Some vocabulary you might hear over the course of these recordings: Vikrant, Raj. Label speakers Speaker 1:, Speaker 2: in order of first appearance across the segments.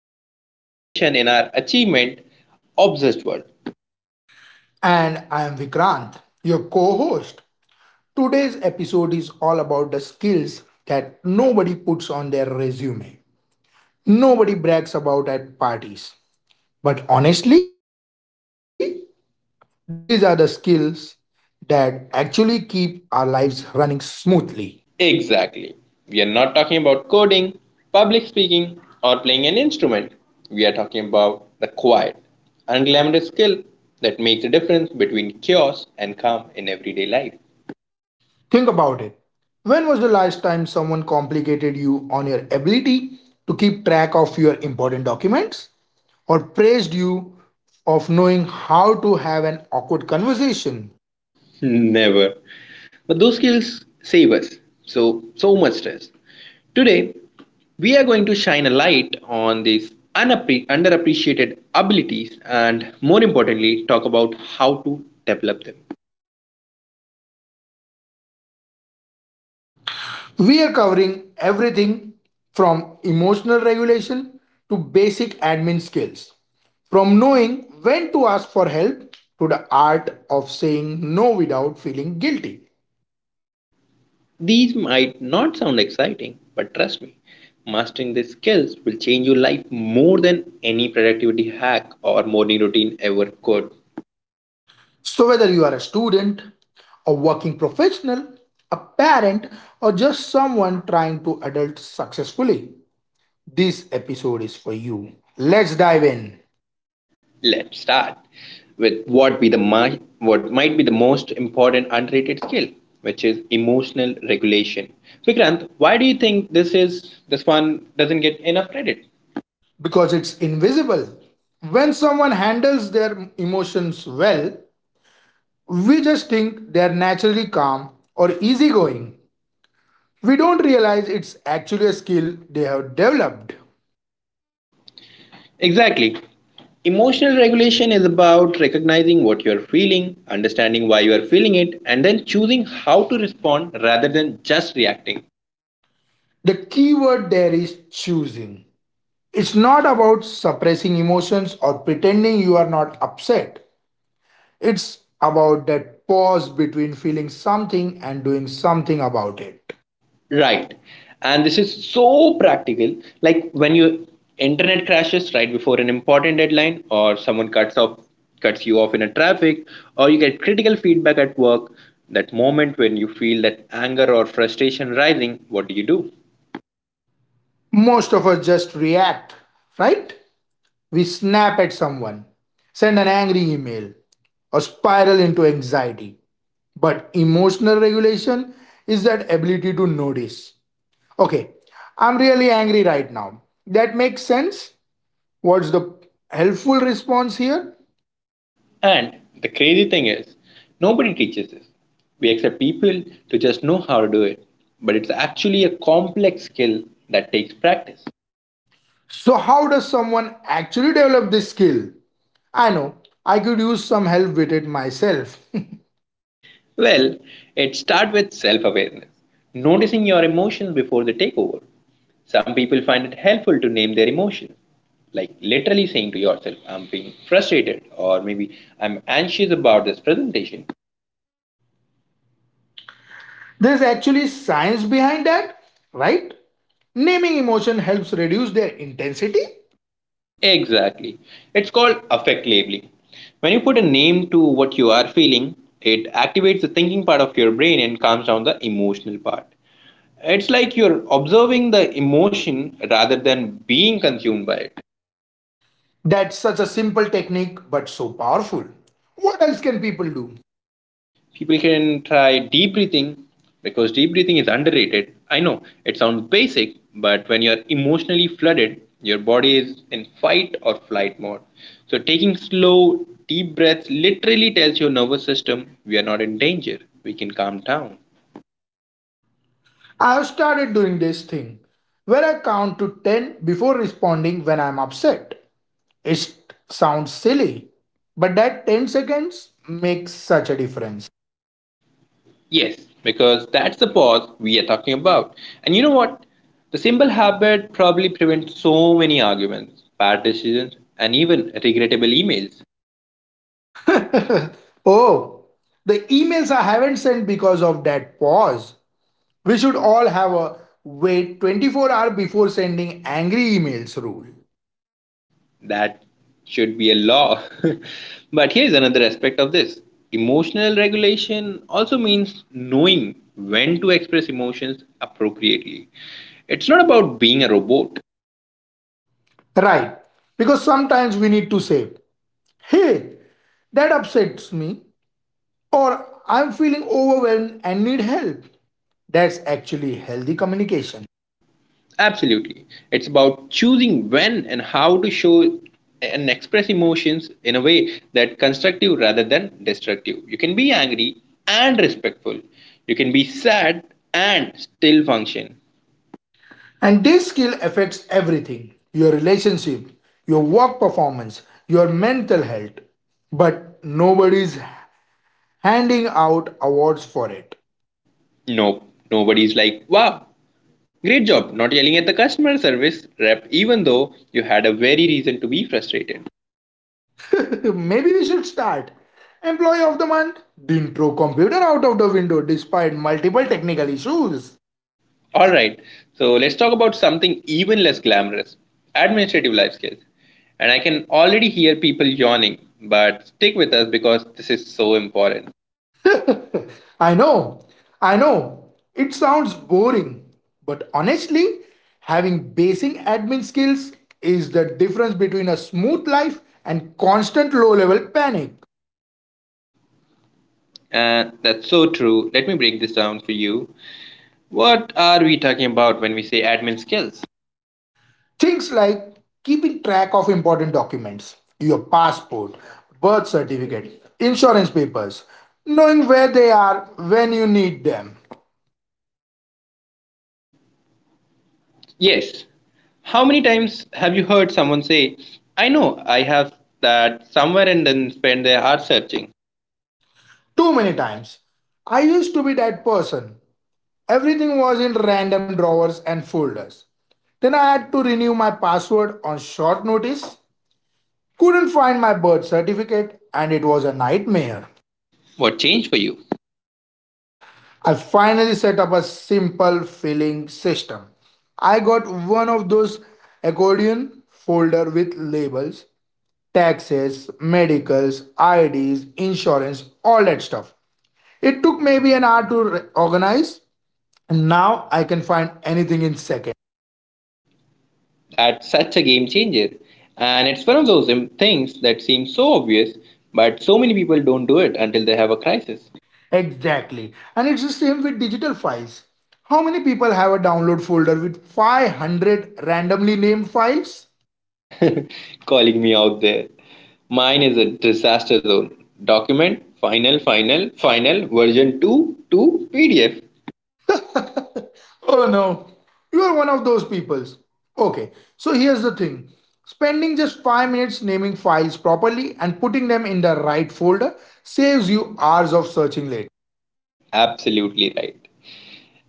Speaker 1: nearly enough attention in our achievement obsessed world.
Speaker 2: And I'm Vikrant, your co host. Today's episode is all about the skills that nobody puts on their resume, nobody brags about at parties. But honestly, these are the skills that actually keep our lives running smoothly.
Speaker 1: Exactly. We are not talking about coding, public speaking or playing an instrument. We are talking about the quiet, unglamorous skill that makes the difference between chaos and calm in everyday life.
Speaker 2: Think about it. When was the last time someone complicated you on your ability to keep track of your important documents? Or praised you of knowing how to have an awkward conversation?
Speaker 1: Never. But those skills save us so much stress. Today, we are going to shine a light on these underappreciated abilities and more importantly talk about how to develop them.
Speaker 2: We are covering everything from emotional regulation to basic admin skills, from knowing when to ask for help to the art of saying no without feeling guilty.
Speaker 1: These might not sound exciting, but trust me, mastering these skills will change your life more than any productivity hack or morning routine ever could.
Speaker 2: So, whether you are a student, a working professional, a parent, or just someone trying to adult successfully, this episode is for you. Let's dive in
Speaker 1: Let's start with what might be the most important underrated skill, which is emotional regulation. Vikrant, why do you think this one doesn't get enough credit?
Speaker 2: because it's invisible. When someone handles their emotions well, we just think they're naturally calm or easygoing. We don't realize it's actually a skill they have developed.
Speaker 1: Exactly. Emotional regulation is about recognizing what you're feeling, understanding why you are feeling it, and then choosing how to respond rather than just reacting.
Speaker 2: The key word there is choosing. It's not about suppressing emotions or pretending you are not upset. It's about that pause between feeling something and doing something about it.
Speaker 1: Right. And this is so practical. Like when your internet crashes right before an important deadline or someone cuts you off in a traffic or you get critical feedback at work, that moment when you feel that anger or frustration rising, what do you do?
Speaker 2: Most of us just react, right? We snap at someone, send an angry email, or spiral into anxiety. But emotional regulation is that ability to notice. Okay, I'm really angry right now. That makes sense. What's the helpful response here?
Speaker 1: And the crazy thing is, nobody teaches this. We expect people to just know how to do it, but it's actually a complex skill that takes practice.
Speaker 2: So, how does someone actually develop this skill? I know, I could use some help with it myself.
Speaker 1: Well, it starts with self awareness, noticing your emotions before they take over. Some people find it helpful to name their emotions, like literally saying to yourself, I'm being frustrated, or maybe I'm anxious about this presentation.
Speaker 2: There's actually science behind that, right? Naming emotion helps reduce their intensity.
Speaker 1: Exactly. It's called affect labeling. When you put a name to what you are feeling, it activates the thinking part of your brain and calms down the emotional part. It's like you're observing the emotion rather than being consumed by it.
Speaker 2: That's such a simple technique but so powerful. What else can people do?
Speaker 1: People can try deep breathing, because deep breathing is underrated. I know it sounds basic, but when you're emotionally flooded your body is in fight or flight mode, so taking slow deep breaths literally tells your nervous system we are not in danger, we can calm down.
Speaker 2: I have started doing this thing where I count to 10 before responding when I'm upset. It sounds silly, but that 10 seconds makes such a difference.
Speaker 1: Yes, because that's the pause we are talking about. And you know what the simple habit probably prevents so many arguments, bad decisions and even regrettable emails.
Speaker 2: Oh, the emails I haven't sent because of that pause. We should all have a wait 24 hours before sending angry emails rule.
Speaker 1: That should be a law. But here's another aspect of this. Emotional regulation also means knowing when to express emotions appropriately. It's not about being a robot.
Speaker 2: Right, because sometimes we need to say, hey, that upsets me, or I'm feeling overwhelmed and need help. That's actually healthy communication.
Speaker 1: Absolutely. It's about choosing when and how to show and express emotions in a way that constructive rather than destructive. You can be angry and respectful. You can be sad and still function.
Speaker 2: And this skill affects everything your relationship, your work performance, your mental health. But nobody's handing out awards for it.
Speaker 1: No, nobody's like, wow, great job not yelling at the customer service rep, even though you had a very reason to be frustrated.
Speaker 2: Maybe we should start. Employee of the month, didn't throw computer out of the window despite multiple technical issues.
Speaker 1: All right, so let's talk about something even less glamorous, administrative life skills. And I can already hear people yawning, but stick with us because this is so important.
Speaker 2: I know, I know, it sounds boring, but honestly, having basic admin skills is the difference between a smooth life and constant low level panic.
Speaker 1: And that's so true. Let me break this down for you. What are we talking about when we say admin skills?
Speaker 2: Things like keeping track of important documents, your passport, birth certificate, insurance papers, knowing where they are when you need them.
Speaker 1: Yes, how many times have you heard someone say, I know I have that somewhere, and then spend their hours searching?
Speaker 2: Too many times. I used to be that person. Everything was in random drawers and folders. Then I had to renew my password on short notice. Couldn't find my birth certificate, and it was a nightmare.
Speaker 1: What changed for you?
Speaker 2: I finally set up a simple filling system. I got one of those accordion folder with labels, taxes, medicals, IDs, insurance, all that stuff. It took maybe an hour to organize, and now I can find anything in seconds.
Speaker 1: That's such a game changer. And it's one of those things that seems so obvious, but so many people don't do it until they have a crisis.
Speaker 2: Exactly. And it's the same with digital files. How many people have a download folder with 500 randomly named files?
Speaker 1: Calling me out there. Mine is a disaster zone. Document, final, final, final, version 2 to PDF.
Speaker 2: Oh no, you are one of those peoples. Okay, so here's the thing spending just 5 minutes naming files properly and putting them in the right folder saves you hours of searching later.
Speaker 1: Absolutely right.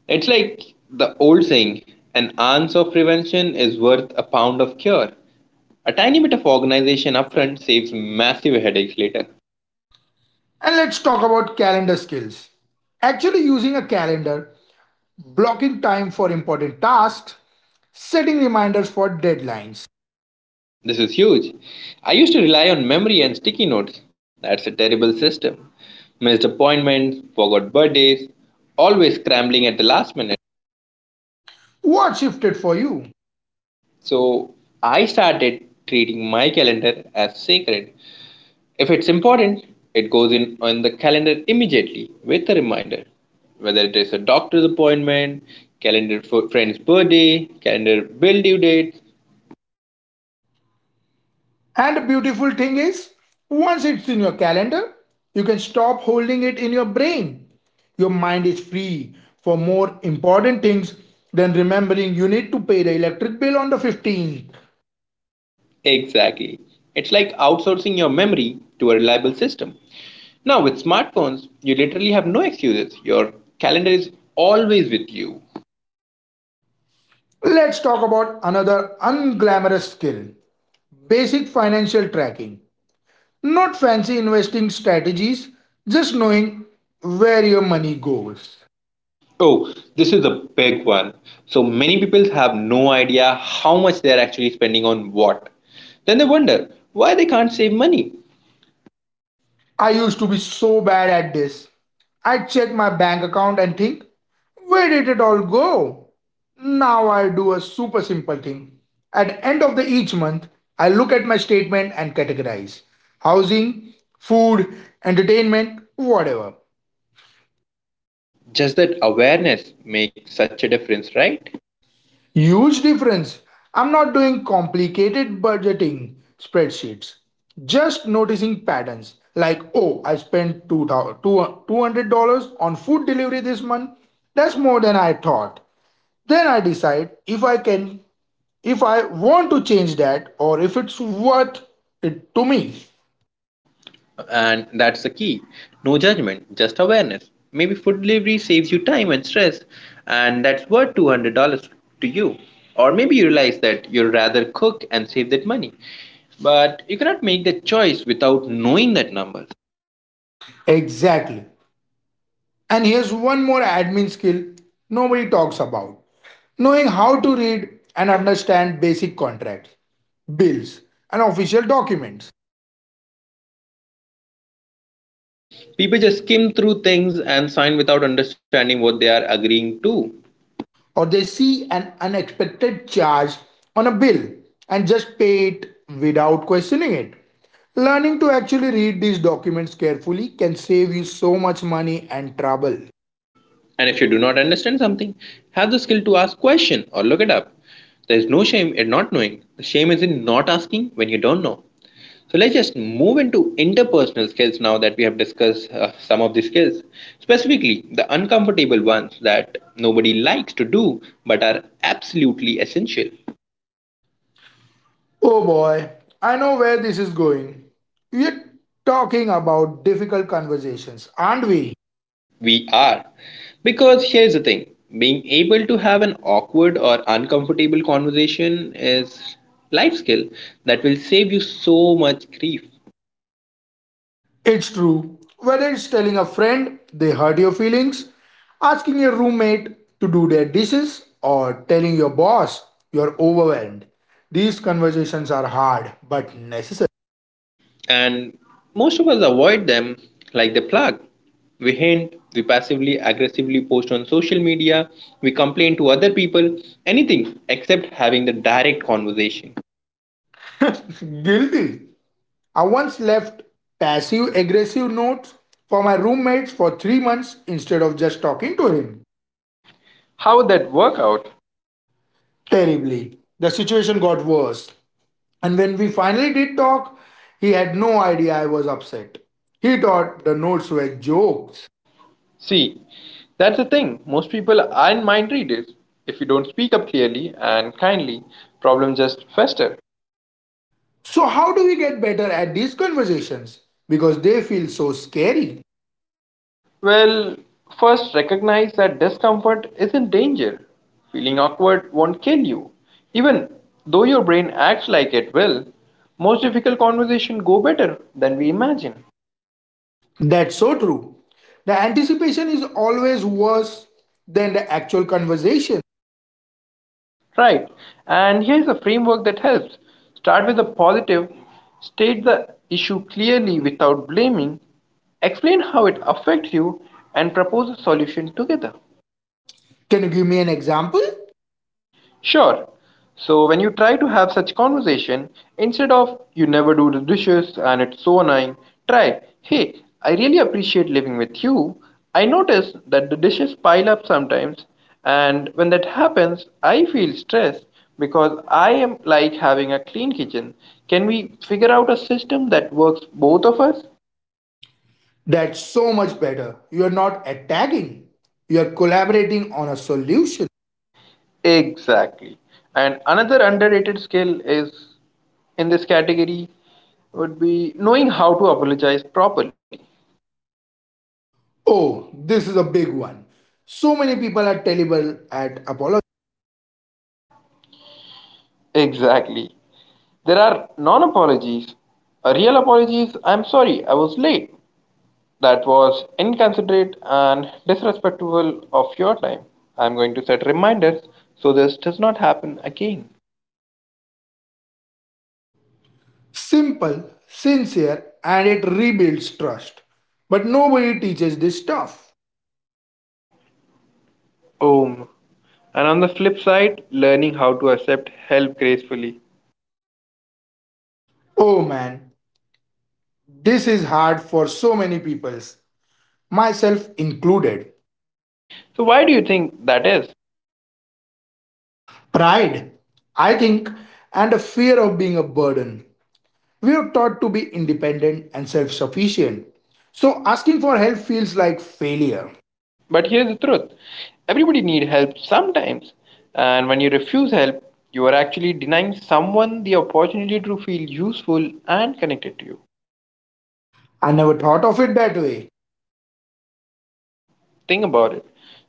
Speaker 1: It's like the old saying, an ounce of prevention is worth a pound of cure. A tiny bit of organization upfront saves massive headaches later.
Speaker 2: And let's talk about calendar skills. Actually, using a calendar, blocking time for important tasks, setting reminders for deadlines.
Speaker 1: This is huge. I used to rely on memory and sticky notes. That's a terrible system. Missed appointments, forgot birthdays, always scrambling at the last minute.
Speaker 2: What shifted for you?
Speaker 1: So I started treating my calendar as sacred. If it's important, it goes in on the calendar immediately with a reminder. Whether it is a doctor's appointment, calendar for friend's birthday, calendar bill due date,
Speaker 2: And the beautiful thing is, once it's in your calendar, you can stop holding it in your brain. Your mind is free for more important things than remembering you need to pay the electric bill on the 15th.
Speaker 1: exactly. It's like outsourcing your memory to a reliable system. Now, with smartphones, you literally have no excuses. Your calendar is always with you.
Speaker 2: Let's talk about another unglamorous skill basic financial tracking. Not fancy investing strategies, just knowing where your money goes.
Speaker 1: Oh, this is a big one. So many people have no idea how much they are actually spending on what. Then they wonder why they can't save money.
Speaker 2: I used to be so bad at this. I'd check my bank account and think, where did it all go? Now I do a super simple thing. At the end of the each month, I look at my statement and categorize housing, food, entertainment, whatever.
Speaker 1: Just that awareness makes such a difference, right?
Speaker 2: Huge difference. I'm not doing complicated budgeting spreadsheets. Just noticing patterns like, oh, I spent two $200 on food delivery this month. That's more than I thought. Then I decide if I can, if I want to change that or if it's worth it to me.
Speaker 1: And that's the key. No judgment, just awareness. Maybe food delivery saves you time and stress, and that's worth $200 to you. Or maybe you realize that you'd rather cook and save that money. But you cannot make that choice without knowing that number.
Speaker 2: Exactly. And here's one more admin skill nobody talks about knowing how to read and understand basic contracts, bills, and official documents.
Speaker 1: Oh, yes, this is so important. People just skim through things and sign without understanding what they are agreeing to.
Speaker 2: Or they see an unexpected charge on a bill and just pay it without questioning it. Learning to actually read these documents carefully can save you so much money and trouble.
Speaker 1: And if you do not understand something, have the skill to ask question or look it up. There is no shame in not knowing. The shame is in not asking when you don't know. So let's just move into interpersonal skills now that we have discussed some of these skills. Specifically, the uncomfortable ones that nobody likes to do but are absolutely essential.
Speaker 2: Oh boy, I know where this is going. We're talking about difficult conversations, aren't we?
Speaker 1: We are. Because here's the thing, being able to have an awkward or uncomfortable conversation is life skill that will save you so much grief.
Speaker 2: It's true. Whether it's telling a friend they hurt your feelings, asking your roommate to do their dishes, or telling your boss you're overwhelmed, these conversations are hard but necessary.
Speaker 1: And most of us avoid them like the plague. We hint, we passively aggressively post on social media, we complain to other people, anything except having the direct conversation.
Speaker 2: Guilty. I once left passive aggressive notes for my roommates for 3 months instead of just talking to him.
Speaker 1: How would that work out?
Speaker 2: Terribly. The situation got worse. And when we finally did talk, he had no idea I was upset. He thought the notes were jokes.
Speaker 1: See, that's the thing. Most people aren't mind readers. If you don't speak up clearly and kindly, problems just fester.
Speaker 2: So, how do we get better at these conversations? Because they feel so scary.
Speaker 1: Well, first recognize that discomfort isn't danger. Feeling awkward won't kill you. Even though your brain acts like it will, most difficult conversations go better than we imagine.
Speaker 2: That's so true. The anticipation is always worse than the actual conversation.
Speaker 1: Right. And here's a framework that helps. Start with a positive, state the issue clearly without blaming, explain how it affects you, and propose a solution together.
Speaker 2: Can you give me an example?
Speaker 1: Sure. So when you try to have such conversation, instead of you never do the dishes and it's so annoying, try, hey, I really appreciate living with you. I notice that the dishes pile up sometimes and when that happens, I feel stressed because I am like having a clean kitchen. Can we figure out a system that works both of us?
Speaker 2: That's so much better. You're not attacking, you're collaborating on a solution.
Speaker 1: Exactly. And another underrated skill is in this category would be knowing how to apologize properly.
Speaker 2: Oh, this is a big one. So many people are terrible at apologizing.
Speaker 1: Exactly. There are non apologies. A real apology is I'm sorry, I was late. That was inconsiderate and disrespectful of your time. I'm going to set reminders so this does not happen again.
Speaker 2: Simple, sincere, and it rebuilds trust. But nobody teaches this stuff.
Speaker 1: Om. And on the flip side, learning how to accept help gracefully.
Speaker 2: Oh man, this is hard for so many peoples, myself included.
Speaker 1: So, why do you think that is?
Speaker 2: Pride, I think, and a fear of being a burden. We are taught to be independent and self sufficient, so asking for help feels like failure.
Speaker 1: But here's the truth, everybody needs help sometimes. And when you refuse help, you are actually denying someone the opportunity to feel useful and connected to you.
Speaker 2: I never thought of it that way.
Speaker 1: Think about it.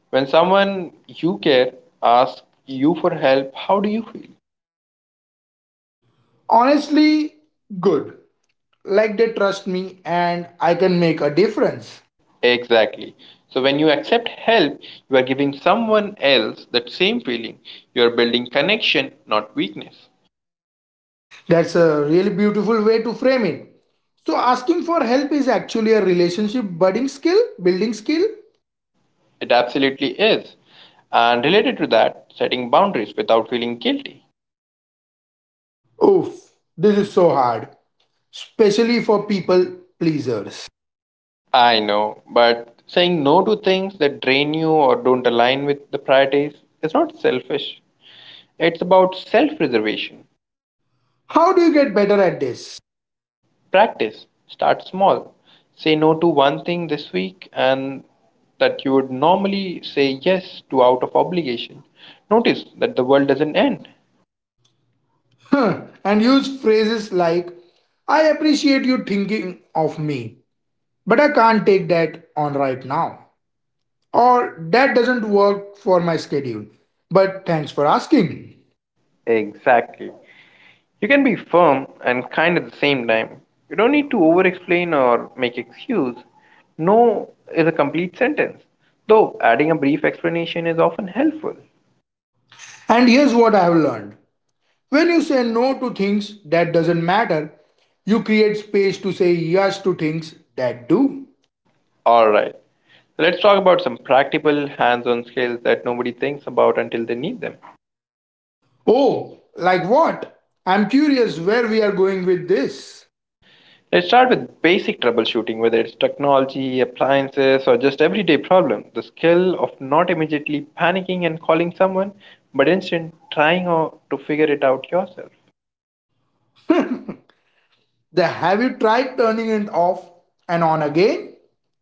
Speaker 1: When someone you care asks you for help, how do you feel?
Speaker 2: Honestly, good. Like they trust me and I can make a difference.
Speaker 1: Exactly. So when you accept help, you are giving someone else that same feeling. You are building connection, not weakness.
Speaker 2: That's a really beautiful way to frame it. So asking for help is actually a relationship building skill.
Speaker 1: It absolutely is. And related to that, setting boundaries without feeling guilty.
Speaker 2: Oof, this is so hard, especially for people pleasers.
Speaker 1: I know, but saying no to things that drain you or don't align with the priorities is not selfish. It's about self preservation.
Speaker 2: How do you get better at this?
Speaker 1: Practice. Start small. Say no to one thing this week and that you would normally say yes to out of obligation. Notice that the world doesn't end.
Speaker 2: And use phrases like, I appreciate you thinking of me, but I can't take that on right now. Or that doesn't work for my schedule, but thanks for asking.
Speaker 1: Exactly. You can be firm and kind at the same time. You don't need to over explain or make excuse. No is a complete sentence, though adding a brief explanation is often helpful.
Speaker 2: And here's what I have learned when you say no to things that doesn't matter, you create space to say yes to things that do.
Speaker 1: Alright, let's talk about some practical hands on skills that nobody thinks about until they need them.
Speaker 2: Oh, like what? I'm curious where we are going with this.
Speaker 1: Let's start with basic troubleshooting, whether it's technology, appliances, or just everyday problems. The skill of not immediately panicking and calling someone, but instead to figure it out yourself.
Speaker 2: The have you tried turning it off and on again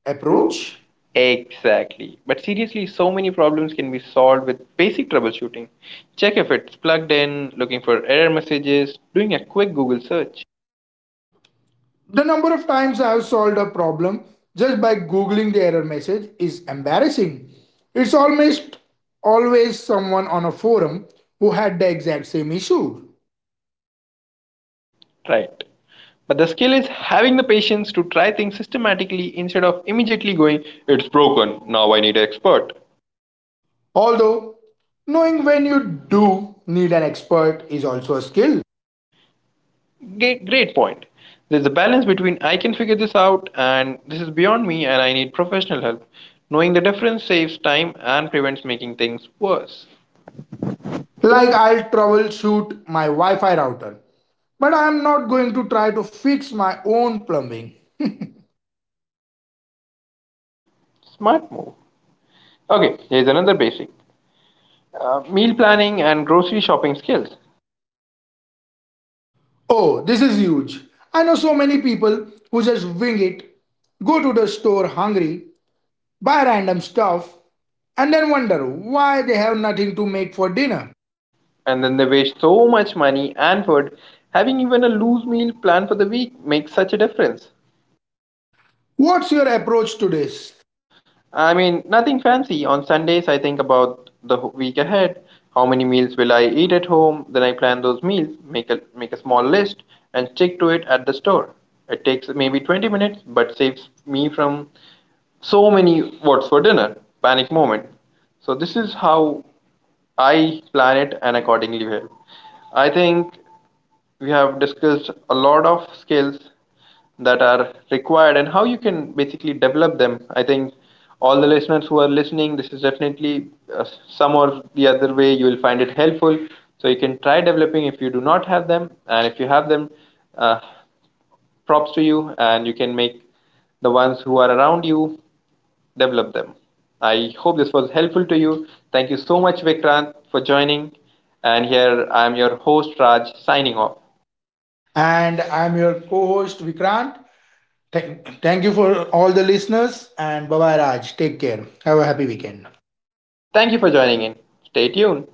Speaker 2: approach?
Speaker 1: Exactly. But seriously, so many problems can be solved with basic troubleshooting. Check if it's plugged in, looking for error messages, doing a quick Google search.
Speaker 2: The number of times I have solved a problem just by googling the error message is embarrassing. It's almost always someone on a forum who had the exact same issue.
Speaker 1: Right. But the skill is having the patience to try things systematically instead of immediately going, it's broken, now I need an expert.
Speaker 2: Although, knowing when you do need an expert is also a skill.
Speaker 1: Great, great point. There's a balance between I can figure this out and this is beyond me and I need professional help. Knowing the difference saves time and prevents making things worse.
Speaker 2: Like I'll troubleshoot my Wi Fi router. But I am not going to try to fix my own plumbing.
Speaker 1: Smart move. Okay, here's another basic meal planning and grocery shopping skills.
Speaker 2: Oh, this is huge. I know so many people who just wing it, go to the store hungry, buy random stuff, and then wonder why they have nothing to make for dinner.
Speaker 1: And then they waste so much money and food. Having even a loose meal plan for the week makes such a difference.
Speaker 2: What's your approach to this?
Speaker 1: I mean, nothing fancy. On Sundays, I think about the week ahead. How many meals will I eat at home? Then I plan those meals, make a small list, and stick to it at the store. It takes maybe 20 minutes, but saves me from so many what's for dinner panic moment. So this is how I plan it and accordingly help. I think we have discussed a lot of skills that are required and how you can basically develop them. I think all the listeners who are listening, this is definitely some or the other way you will find it helpful. So you can try developing if you do not have them, and if you have them, uh, props to you, and you can make the ones who are around you develop them. I hope this was helpful to you. Thank you so much, Vikrant, for joining. And here I am your host, Raj, signing off.
Speaker 2: And I'm your co host Vikrant. Thank you for all the listeners and bye bye Raj. Take care. Have a happy weekend.
Speaker 1: Thank you for joining in. Stay tuned.